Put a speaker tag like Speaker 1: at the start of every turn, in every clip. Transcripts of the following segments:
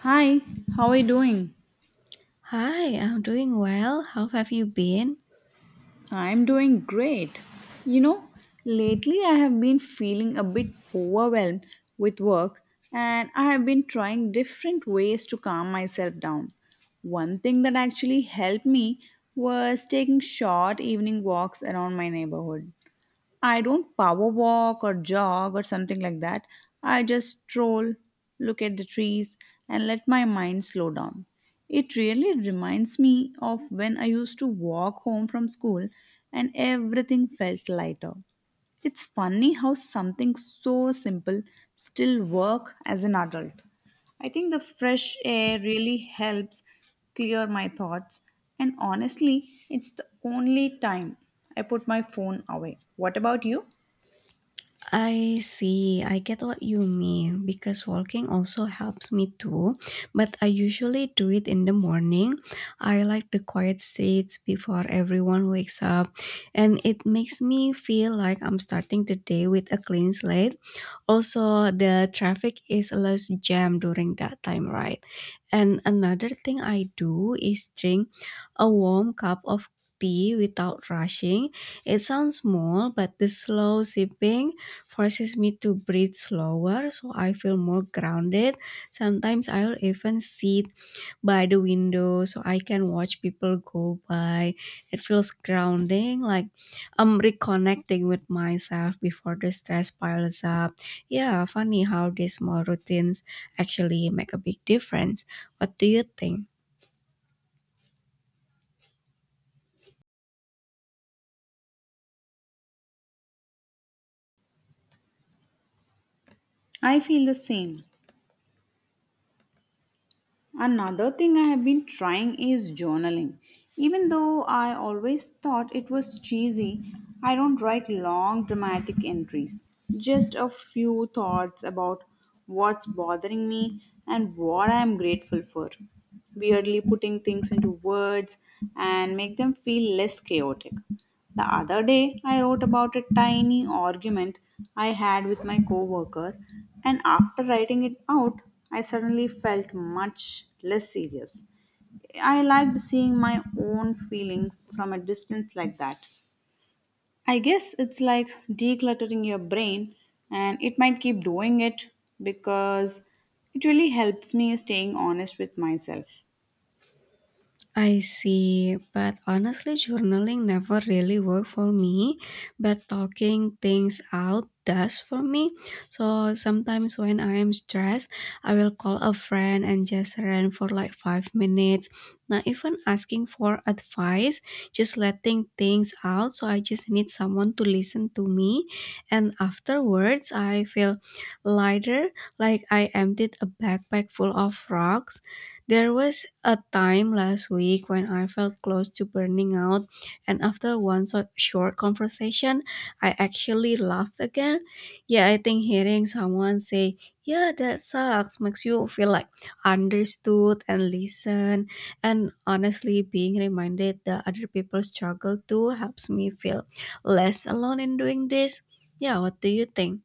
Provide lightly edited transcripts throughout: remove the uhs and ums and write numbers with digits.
Speaker 1: Hi, how are you doing?
Speaker 2: Hi, I'm doing well. How have you been?
Speaker 1: I'm doing great. You know, lately I have been feeling a bit overwhelmed with work and I have been trying different ways to calm myself down. One thing that actually helped me was taking short evening walks around my neighborhood. I don't power walk or jog or something like that. I just stroll, look at the trees, and let my mind slow down. It really reminds me of when I used to walk home from school and everything felt lighter. It's funny how something so simple still work as an adult. I think the fresh air really helps clear my thoughts and honestly, it's the only time I put my phone away. What about you?
Speaker 2: I see. I get what you mean because walking also helps me too, but I usually do it in the morning. I like the quiet streets before everyone wakes up, and it makes me feel like I'm starting the day with a clean slate. Also, the traffic is less jam during that time, right? And another thing I do is drink a warm cup of tea without rushing. It sounds small, but the slow sipping forces me to breathe slower, so I feel more grounded. Sometimes I'll even sit by the window so I can watch people go by. It feels grounding, like I'm reconnecting with myself before the stress piles up. Yeah, funny how these small routines actually make a big difference. What do you think?
Speaker 1: I feel the same. Another thing I have been trying is journaling. Even though I always thought it was cheesy, I don't write long dramatic entries. Just a few thoughts about what's bothering me and what I am grateful for. Weirdly, putting things into words and make them feel less chaotic. The other day, I wrote about a tiny argument I had with my coworker, and after writing it out, I suddenly felt much less serious. I liked seeing my own feelings from a distance like that. I guess it's like decluttering your brain, and it might keep doing it because it really helps me staying honest with myself.
Speaker 2: I see, but honestly, journaling never really worked for me. But talking things out does for me. So sometimes when I am stressed, I will call a friend and just rant for like 5 minutes. Not even asking for advice, just letting things out. So I just need someone to listen to me. And afterwards, I feel lighter, like I emptied a backpack full of rocks. There was a time last week when I felt close to burning out, and after one short conversation, I actually laughed again. Yeah, I think hearing someone say, yeah, that sucks, makes you feel like understood and listened. And honestly, being reminded that other people struggle too helps me feel less alone in doing this. Yeah, what do you think?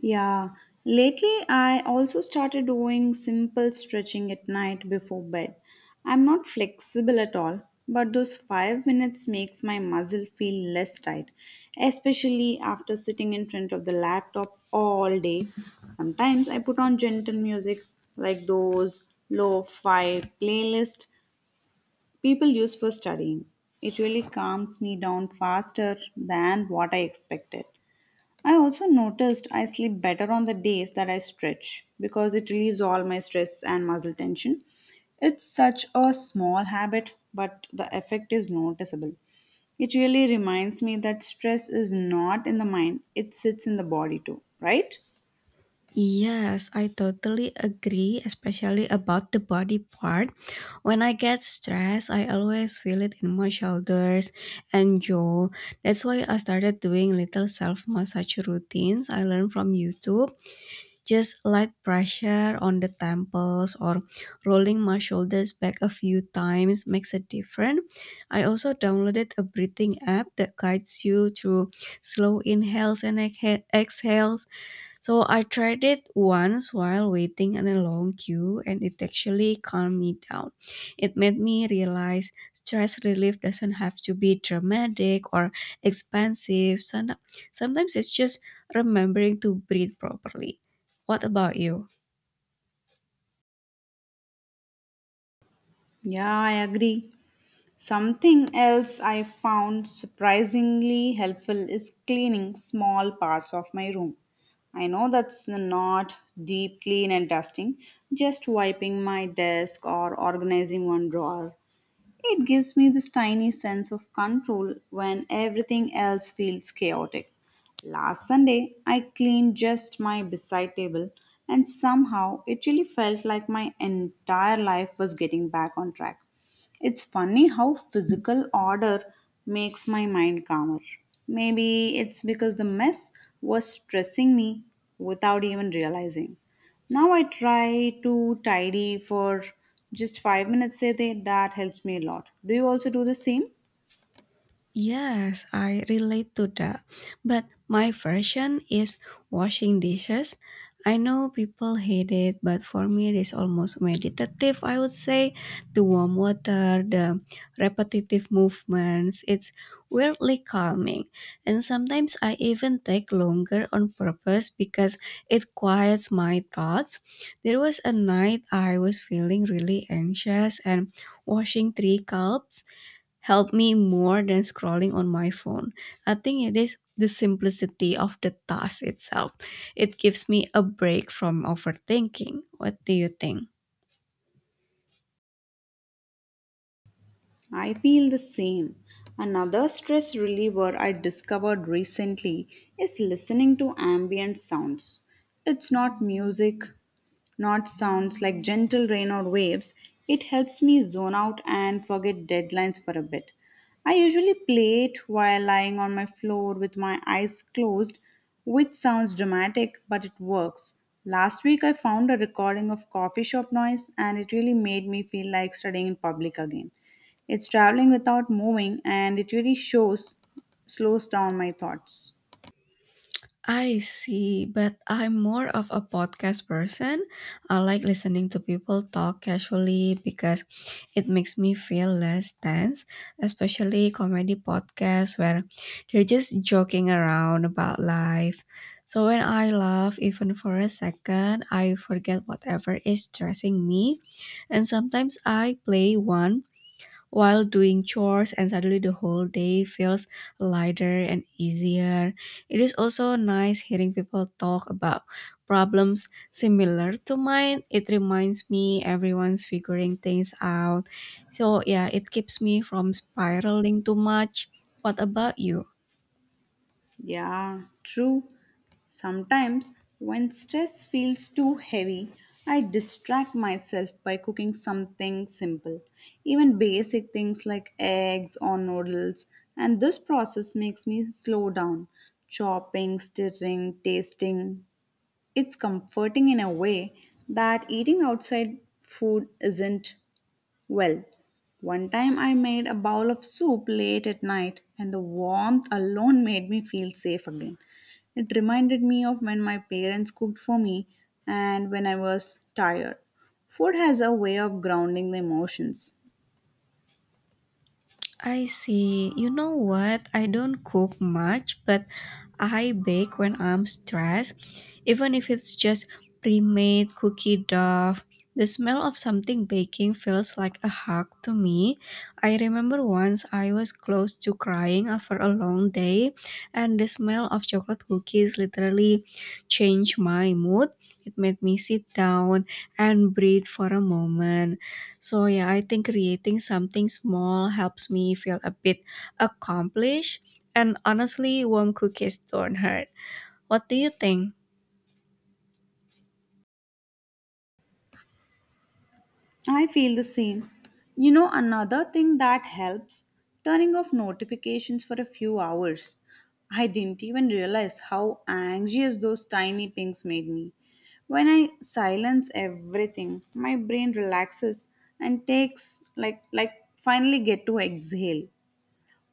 Speaker 1: Yeah, lately I also started doing simple stretching at night before bed. I'm not flexible at all, but those 5 minutes makes my muscle feel less tight, especially after sitting in front of the laptop all day. Sometimes I put on gentle music like those lo-fi playlist people use for studying. It really calms me down faster than what I expected. I also noticed I sleep better on the days that I stretch because it relieves all my stress and muscle tension. It's such a small habit, but the effect is noticeable. It really reminds me that stress is not in the mind, it sits in the body too, right?
Speaker 2: Yes, I totally agree, especially about the body part. When I get stressed, I always feel it in my shoulders and jaw. That's why I started doing little self massage routines I learned from YouTube. Just light pressure on the temples or rolling my shoulders back a few times makes a difference. I also downloaded a breathing app that guides you through slow inhales and exhales, so I tried it once while waiting in a long queue and it actually calmed me down. It made me realize stress relief doesn't have to be dramatic or expensive. Sometimes it's just remembering to breathe properly. What about you?
Speaker 1: Yeah, I agree. Something else I found surprisingly helpful is cleaning small parts of my room. I know that's not deep clean and dusting, just wiping my desk or organizing one drawer. It gives me this tiny sense of control when everything else feels chaotic. Last Sunday, I cleaned just my bedside table, and somehow it really felt like my entire life was getting back on track. It's funny how physical order makes my mind calmer. Maybe it's because the mess was stressing me without even realizing. Now I try to tidy for just 5 minutes a day. That helps me a lot. Do you also do the same?
Speaker 2: Yes, I relate to that. But my version is washing dishes. I know people hate it, but for me, it is almost meditative, I would say. The warm water, the repetitive movements, it's weirdly calming. And sometimes I even take longer on purpose because it quiets my thoughts. There was a night I was feeling really anxious and washing three cups help me more than scrolling on my phone. I think it is the simplicity of the task itself. It gives me a break from overthinking. What do you think?
Speaker 1: I feel the same. Another stress reliever I discovered recently is listening to ambient sounds. It's not music not sounds like gentle rain or waves, it helps me zone out and forget deadlines for a bit. I usually play it while lying on my floor with my eyes closed, which sounds dramatic, but it works. Last week, I found a recording of coffee shop noise, and it really made me feel like studying in public again. It's traveling without moving, and it really shows, slows down my thoughts.
Speaker 2: I see, but I'm more of a podcast person. I like listening to people talk casually because it makes me feel less tense, especially comedy podcasts where they're just joking around about life. So when I laugh, even for a second, I forget whatever is stressing me. And sometimes I play one while doing chores and suddenly the whole day feels lighter and easier. It is also nice hearing people talk about problems similar to mine. It reminds me everyone's figuring things out. So yeah, it keeps me from spiraling too much. What about you?
Speaker 1: Yeah, true. Sometimes, when stress feels too heavy, I distract myself by cooking something simple, even basic things like eggs or noodles, and this process makes me slow down. Chopping, stirring, tasting. It's comforting in a way that eating outside food isn't. Well, one time I made a bowl of soup late at night, and the warmth alone made me feel safe again. It reminded me of when my parents cooked for me and when I was tired. Food has a way of grounding the emotions.
Speaker 2: I see. You know what? I don't cook much, but I bake when I'm stressed. Even if it's just pre-made cookie dough, the smell of something baking feels like a hug to me. I remember once I was close to crying after a long day, and the smell of chocolate cookies literally changed my mood. It made me sit down and breathe for a moment. So yeah, I think creating something small helps me feel a bit accomplished. And honestly, warm cookies don't hurt. What do you think?
Speaker 1: I feel the same. You know, another thing that helps turning off notifications for a few hours. I didn't even realize how anxious those tiny pings made me. When I silence everything, my brain relaxes and takes like finally get to exhale.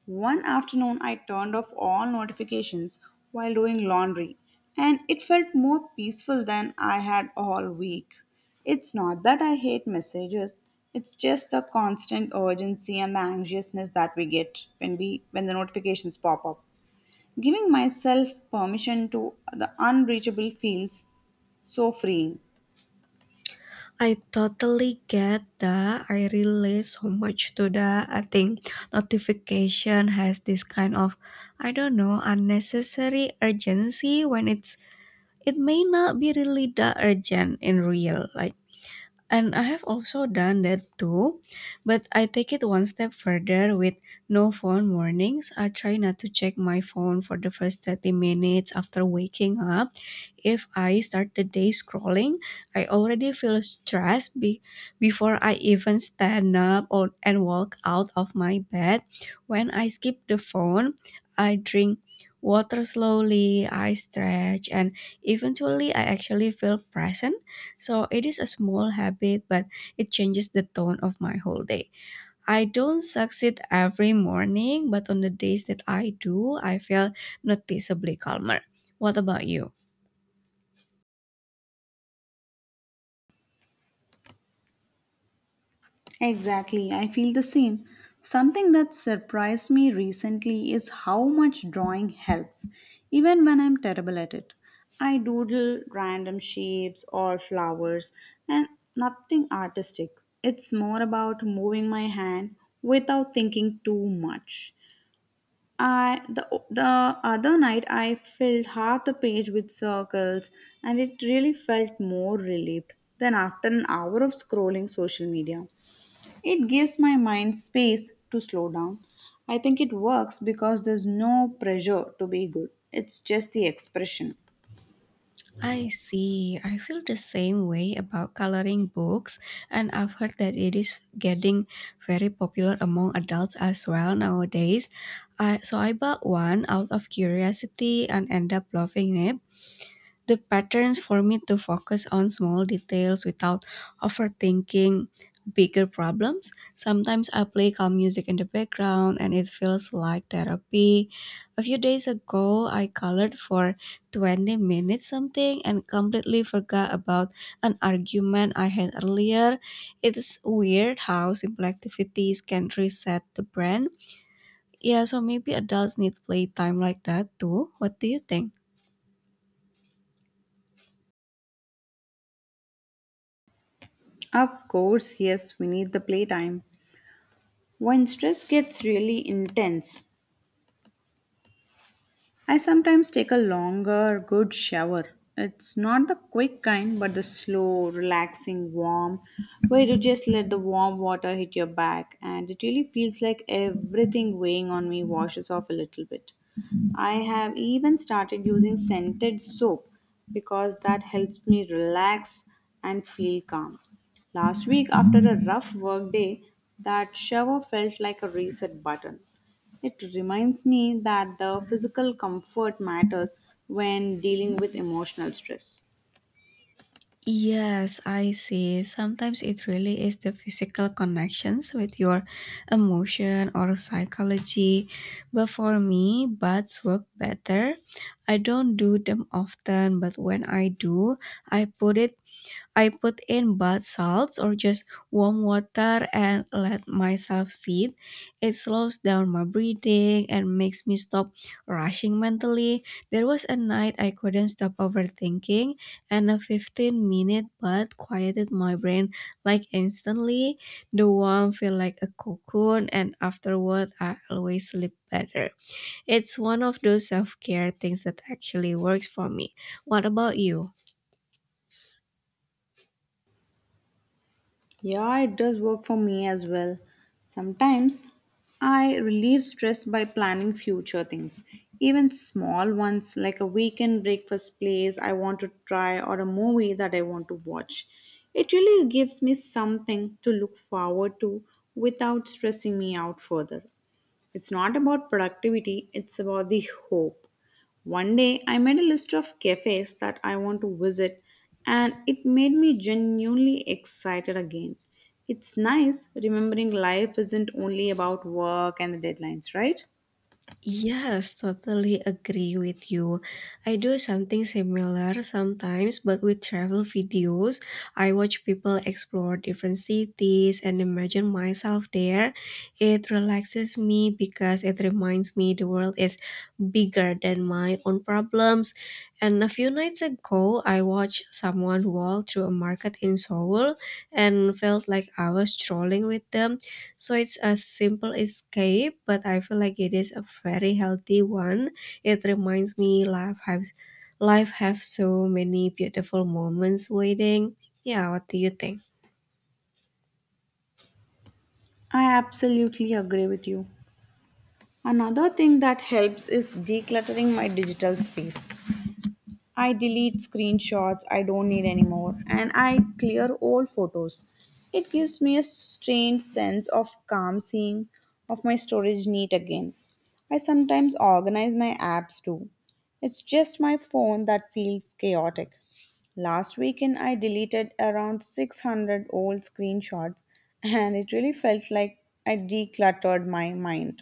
Speaker 1: One afternoon, I turned off all notifications while doing laundry, and it felt more peaceful than I had all week. It's not that I hate messages, it's just the constant urgency and the anxiousness that we get when the notifications pop up. Giving myself permission to the unreachable feels so freeing.
Speaker 2: I totally get that. I relate so much to that. I think notification has this kind of, I don't know, unnecessary urgency when it's it may not be really that urgent in real life. And I have also done that too, but I take it one step further with no phone warnings. I try not to check my phone for the first 30 minutes after waking up. If I start the day scrolling, I already feel stressed before I even stand up and walk out of my bed. When I skip the phone, I drink water slowly, I stretch, and eventually I actually feel present. So it is a small habit, but it changes the tone of my whole day. I don't succeed every morning, but on the days that I do, I feel noticeably calmer. What about you?
Speaker 1: Exactly, I feel the same. Something that surprised me recently is how much drawing helps, even when I'm terrible at it. I doodle random shapes or flowers and nothing artistic. It's more about moving my hand without thinking too much. I the other night I filled half the page with circles and it really felt more relieved than after an hour of scrolling social media. It gives my mind space to slow down. I think it works because there's no pressure to be good, it's just the expression.
Speaker 2: I see. I feel the same way about coloring books, and I've heard that it is getting very popular among adults as well nowadays. So I bought one out of curiosity and end up loving it. The patterns for me to focus on small details without overthinking bigger problems. Sometimes I play calm music in the background and it feels like therapy. A few days ago, I colored for 20 minutes something and completely forgot about an argument I had earlier. It's weird how simple activities can reset the brain. Yeah, so maybe adults need playtime like that too. What do you think?
Speaker 1: Of course, yes, we need the playtime. When stress gets really intense, I sometimes take a longer, good shower. It's not the quick kind, but the slow, relaxing, warm, where you just let the warm water hit your back, and it really feels like everything weighing on me washes off a little bit. I have even started using scented soap because that helps me relax and feel calm. Last week, after a rough work day, that shower felt like a reset button. It reminds me that the physical comfort matters when dealing with emotional stress.
Speaker 2: Yes, I see. Sometimes it really is the physical connections with your emotion or psychology. But for me, baths work better. I don't do them often, but when I do, I put it I put in bath salts or just warm water and let myself sit. It slows down my breathing and makes me stop rushing mentally. There was a night I couldn't stop overthinking, and a 15-minute bath quieted my brain like instantly. The warmth felt like a cocoon, and afterward, I always sleep better. It's one of those self care things that actually works for me. What about you?
Speaker 1: Yeah, it does work for me as well. Sometimes I relieve stress by planning future things, even small ones like a weekend breakfast place I want to try or a movie that I want to watch. It really gives me something to look forward to without stressing me out further. It's not about productivity, it's about the hope. One day I made a list of cafes that I want to visit and it made me genuinely excited again. It's nice remembering life isn't only about work and the deadlines, right?
Speaker 2: Yes, totally agree with you. I do something similar sometimes, but with travel videos, I watch people explore different cities and imagine myself there. It relaxes me because it reminds me the world is bigger than my own problems. And a few nights ago, I watched someone walk through a market in Seoul and felt like I was strolling with them. So it's a simple escape, but I feel like it is a very healthy one. It reminds me life have so many beautiful moments waiting. Yeah, what do you think?
Speaker 1: I absolutely agree with you. Another thing that helps is decluttering my digital space. I delete screenshots I don't need anymore and I clear old photos. It gives me a strange sense of calm seeing of my storage neat again. I sometimes organize my apps too. It's just my phone that feels chaotic. Last weekend I deleted around 600 old screenshots and it really felt like I decluttered my mind.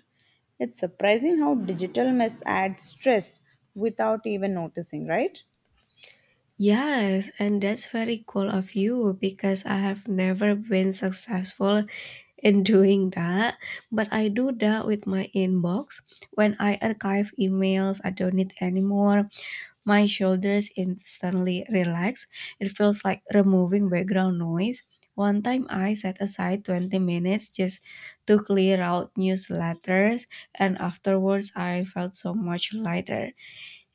Speaker 1: It's surprising how digital mess adds stress without even noticing, right?
Speaker 2: Yes, and that's very cool of you because I have never been successful in doing that, but I do that with my inbox. When I archive emails I don't need anymore, my shoulders instantly relax. It feels like removing background noise. One time I set aside 20 minutes just to clear out newsletters, and afterwards I felt so much lighter.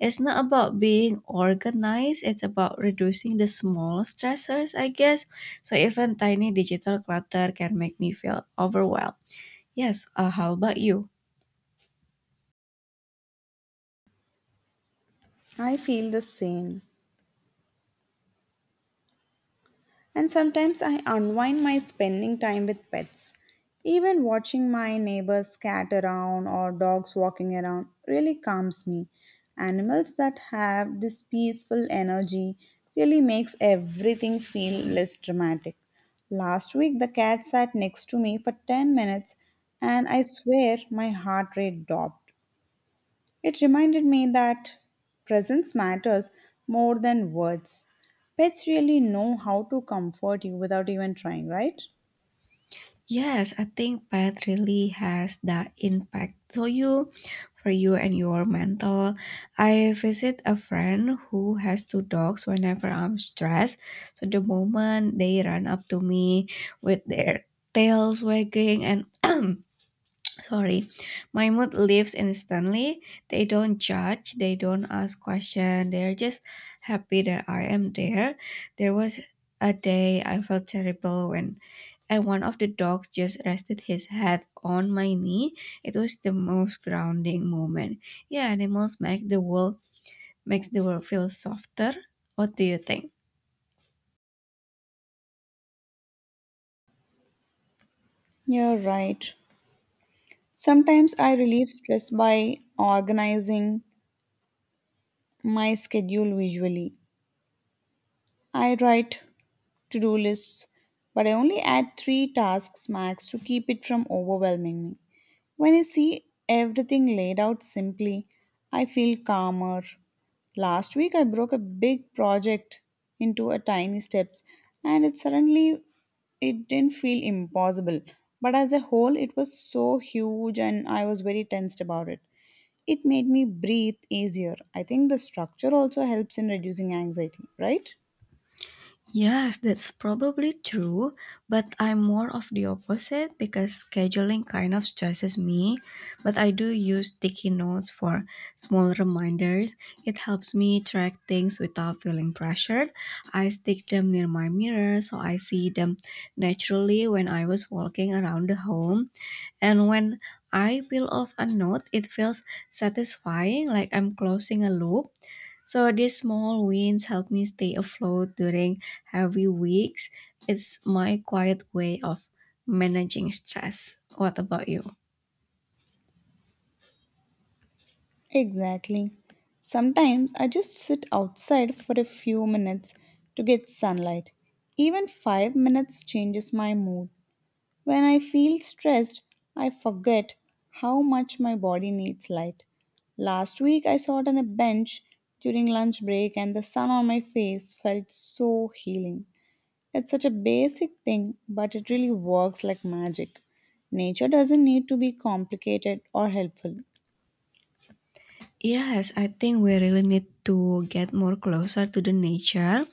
Speaker 2: It's not about being organized, it's about reducing the small stressors, I guess. So even tiny digital clutter can make me feel overwhelmed. Yes, how about you?
Speaker 1: I feel the same. And sometimes I unwind my spending time with pets. Even watching my neighbors cat around or dogs walking around really calms me. Animals that have this peaceful energy really makes everything feel less dramatic. Last week the cat sat next to me for 10 minutes and I swear my heart rate dropped. It reminded me that presence matters more than words. Pets really know how to comfort you without even trying, right?
Speaker 2: Yes, I think pet really has that impact for you and your mental. I visit a friend who has two dogs whenever I'm stressed. So the moment they run up to me with their tails wagging and sorry, Mahmud lives instantly. They don't judge, they don't ask question, they're just happy that I am there. There was a day I felt terrible when and one of the dogs just rested his head on my knee. It was the most grounding moment. Yeah, animals makes the world feel softer. What do you think?
Speaker 1: You're right. Sometimes I relieve stress by organizing my schedule visually. I write to do lists, but I only add 3 tasks max to keep it from overwhelming me. When I see everything laid out simply, I feel calmer. Last week, I broke a big project into a tiny steps, and it suddenly it didn't feel impossible. But as a whole, it was so huge, and I was very tensed about it. It made me breathe easier. I think the structure also helps in reducing anxiety, right?
Speaker 2: Yes, that's probably true, but I'm more of the opposite because scheduling kind of stresses me. But I do use sticky notes for small reminders. It helps me track things without feeling pressured. I stick them near my mirror so I see them naturally when I was walking around the home. And when I peel off a note, it feels satisfying like I'm closing a loop. So these small wins help me stay afloat during heavy weeks. It's my quiet way of managing stress. What about you?
Speaker 1: Exactly. Sometimes I just sit outside for a few minutes to get sunlight. Even 5 minutes changes my mood. When I feel stressed, I forget how much my body needs light. Last week I sat on a bench during lunch break and the sun on my face felt so healing. It's such a basic thing, but it really works like magic. Nature doesn't need to be complicated or helpful.
Speaker 2: Yes, I think we really need to get more closer to the nature.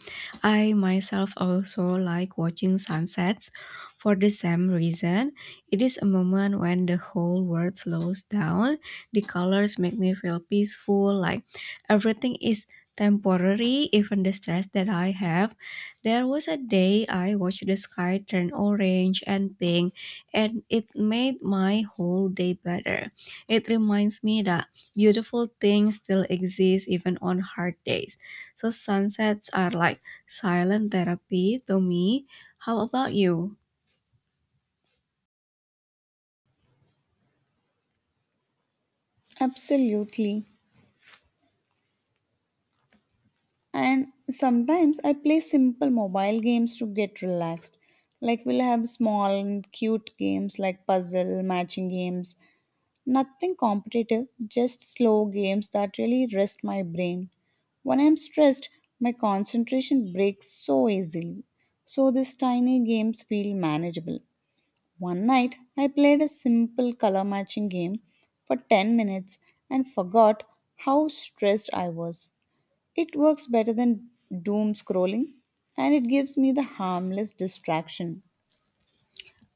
Speaker 2: I myself also like watching sunsets for the same reason. It is a moment when the whole world slows down. The colors make me feel peaceful, like everything is temporary, even the stress that I have. There was a day I watched the sky turn orange and pink, and it made my whole day better. It reminds me that beautiful things still exist even on hard days. So sunsets are like silent therapy to me. How about you?
Speaker 1: Absolutely. And sometimes I play simple mobile games to get relaxed. Like we'll have small and cute games like puzzle, matching games, nothing competitive, just slow games that really rest my brain. When I'm stressed, my concentration breaks so easily. So these tiny games feel manageable. One night, I played a simple color matching game for 10 minutes and forgot how stressed I was. It works better than doom scrolling and it gives me the harmless distraction.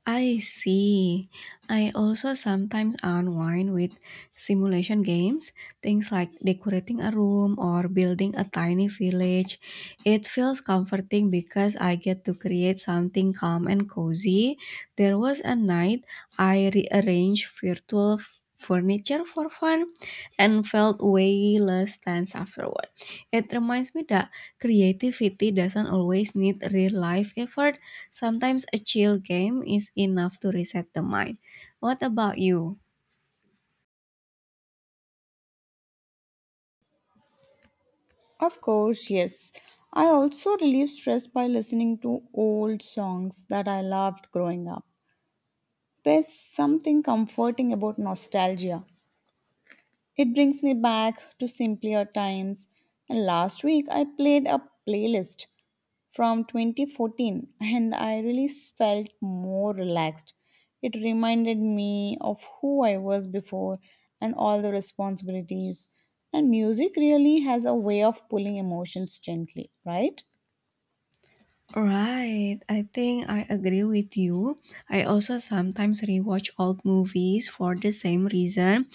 Speaker 2: I see. I also sometimes unwind with simulation games, things like decorating a room or building a tiny village. It feels comforting because I get to create something calm and cozy. There was a night I rearranged furniture for fun and felt way less tense afterward. It reminds me that creativity doesn't always need real life effort. Sometimes a chill game is enough to reset the mind. What about you?
Speaker 1: Of course, yes. I also relieve stress by listening to old songs that I loved growing up. There's something comforting about nostalgia. It brings me back to simpler times. And last week I played a playlist from 2014 and I really felt more relaxed. It reminded me of who I was before and all the responsibilities. And music really has a way of pulling emotions gently, right?
Speaker 2: Right, I think I agree with you. I also sometimes rewatch old movies for the same reason,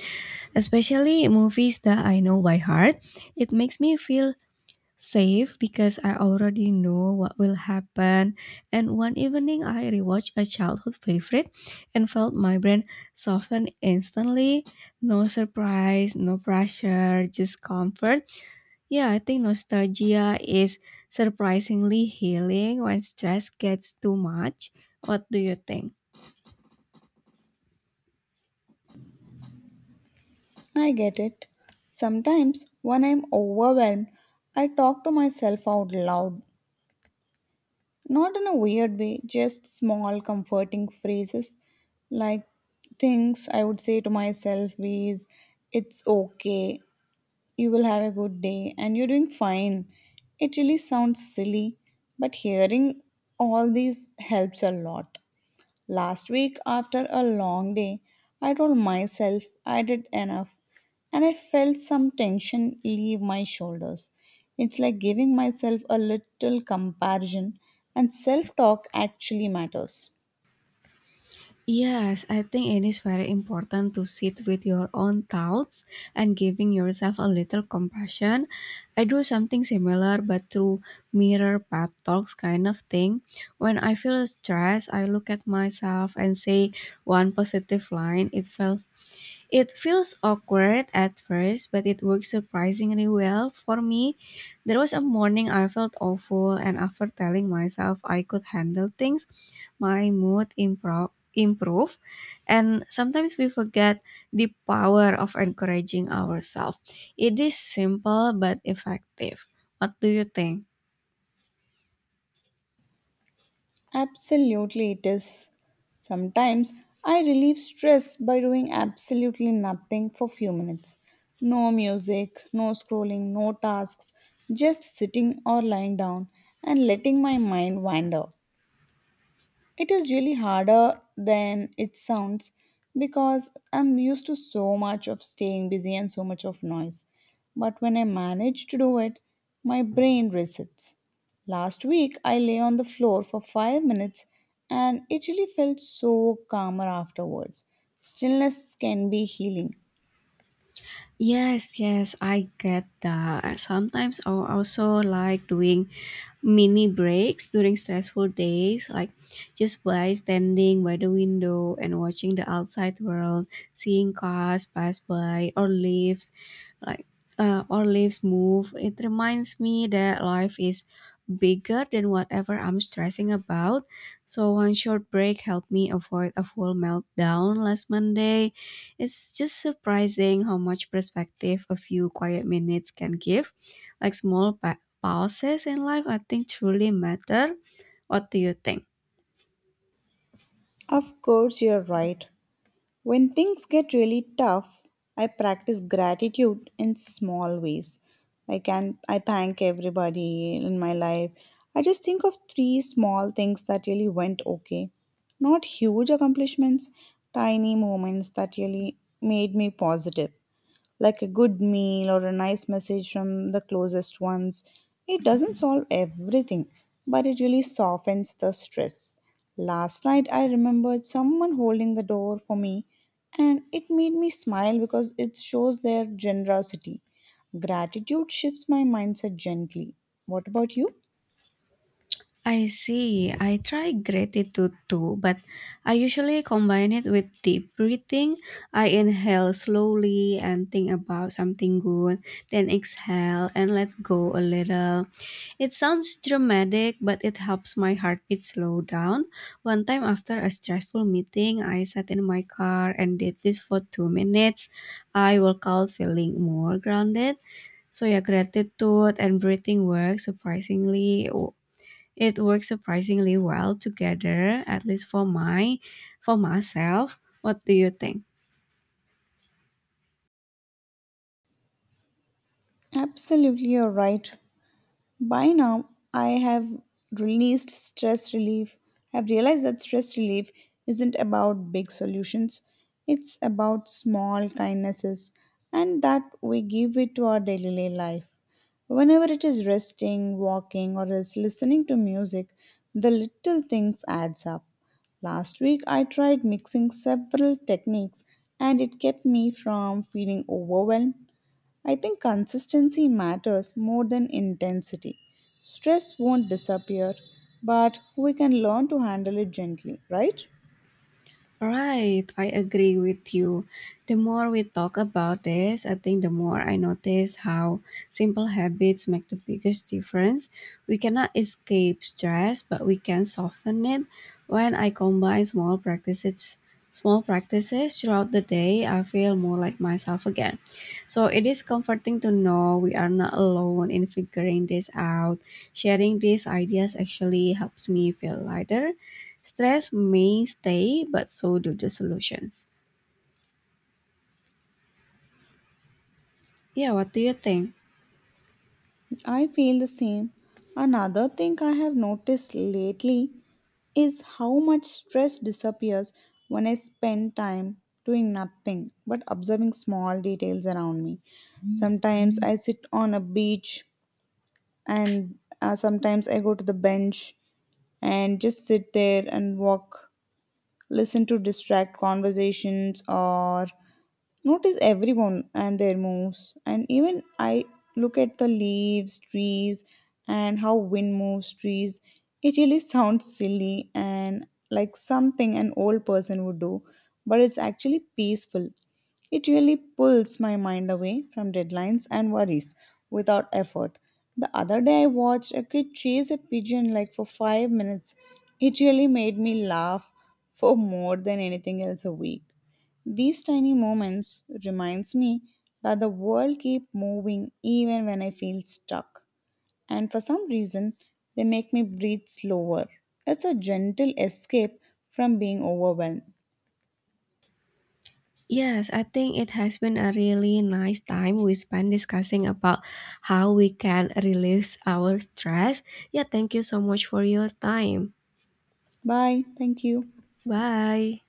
Speaker 2: especially movies that I know by heart. It makes me feel safe because I already know what will happen. And one evening, I rewatched a childhood favorite and felt my brain soften instantly. No surprise, no pressure, just comfort. Yeah, I think nostalgia is surprisingly healing when stress gets too much. What do you think?
Speaker 1: I get it. Sometimes when I'm overwhelmed, I talk to myself out loud. Not in a weird way, just small comforting phrases like things I would say to myself is it's okay you will have a good day and you're doing fine. It really sounds silly, but hearing all these helps a lot. Last week, after a long day, I told myself I did enough and I felt some tension leave my shoulders. It's like giving myself a little comparison, and self talk actually matters.
Speaker 2: Yes, I think it is very important to sit with your own thoughts and giving yourself a little compassion. I do something similar but through mirror pep talks kind of thing. When I feel stressed, I look at myself and say one positive line. It feels awkward at first, but it works surprisingly well. For me, there was a morning I felt awful, and after telling myself I could handle things, my mood improved. Improve, and sometimes we forget the power of encouraging ourselves. It is simple but effective. What do you think?
Speaker 1: Absolutely, it is. Sometimes I relieve stress by doing absolutely nothing for few minutes. No music, no scrolling, no tasks, just sitting or lying down and letting my mind wander. It is really harder than it sounds because I'm used to so much of staying busy and so much of noise. But when I manage to do it, my brain resets. Last week, I lay on the floor for 5 minutes and it really felt so calmer afterwards. Stillness can be healing.
Speaker 2: Yes, yes, I get that. Sometimes I also like doing mini breaks during stressful days, like just by standing by the window and watching the outside world, seeing cars pass by or leaves, like or leaves move. It reminds me that life is bigger than whatever I'm stressing about. So one short break helped me avoid a full meltdown last Monday. It's just surprising how much perspective a few quiet minutes can give. Like small pauses in life, I think truly matter. What do you think?
Speaker 1: Of course, you're right. When things get really tough, I practice gratitude in small ways. Like and I thank everybody in my life. I just think of 3 small things that really went okay. Not huge accomplishments, tiny moments that really made me positive like a good meal or a nice message from the closest ones. It doesn't solve everything, but it really softens the stress. Last night, I remembered someone holding the door for me, and it made me smile because it shows their generosity. Gratitude shifts my mindset gently. What about you?
Speaker 2: I see. I try gratitude too, but I usually combine it with deep breathing. I inhale slowly and think about something good, then exhale and let go a little. It sounds dramatic, but it helps my heartbeat slow down. One time after a stressful meeting, I sat in my car and did this for 2 minutes. I woke out feeling more grounded. So yeah, gratitude and breathing work surprisingly it works surprisingly well together, at least for myself. What do you think?
Speaker 1: Absolutely, you're right. By now, I have released stress relief. I've realized that stress relief isn't about big solutions, it's about small kindnesses, and that we give it to our daily life. Whenever it is resting, walking, or is listening to music, the little things adds up. Last week I tried mixing several techniques and it kept me from feeling overwhelmed. I think consistency matters more than intensity. Stress won't disappear, but we can learn to handle it gently, right?
Speaker 2: Right, I agree with you. The more we talk about this, I think the more I notice how simple habits make the biggest difference. We cannot escape stress, but we can soften it. When I combine small practices throughout the day, I feel more like myself again. So it is comforting to know we are not alone in figuring this out. Sharing these ideas actually helps me feel lighter. Stress may stay, but so do the solutions. Yeah, what do you think?
Speaker 1: I feel the same. Another thing I have noticed lately is how much stress disappears when I spend time doing nothing but observing small details around me. Sometimes I sit on a beach, and sometimes I go to the bench and just sit there and walk listen to distract conversations, or notice everyone and their moves. And even I look at the leaves, trees, and how wind moves trees. It really sounds silly and like something an old person would do, but it's actually peaceful. It really pulls my mind away from deadlines and worries without effort. The other day, I watched a kid chase a pigeon like for 5 minutes. It really made me laugh for more than anything else a week. These tiny moments reminds me that the world keep moving even when I feel stuck. And for some reason, they make me breathe slower. It's a gentle escape from being overwhelmed.
Speaker 2: Yes, I think it has been a really nice time we spent discussing about how we can release our stress. Yeah, thank you so much for your time.
Speaker 1: Bye. Thank you.
Speaker 2: Bye.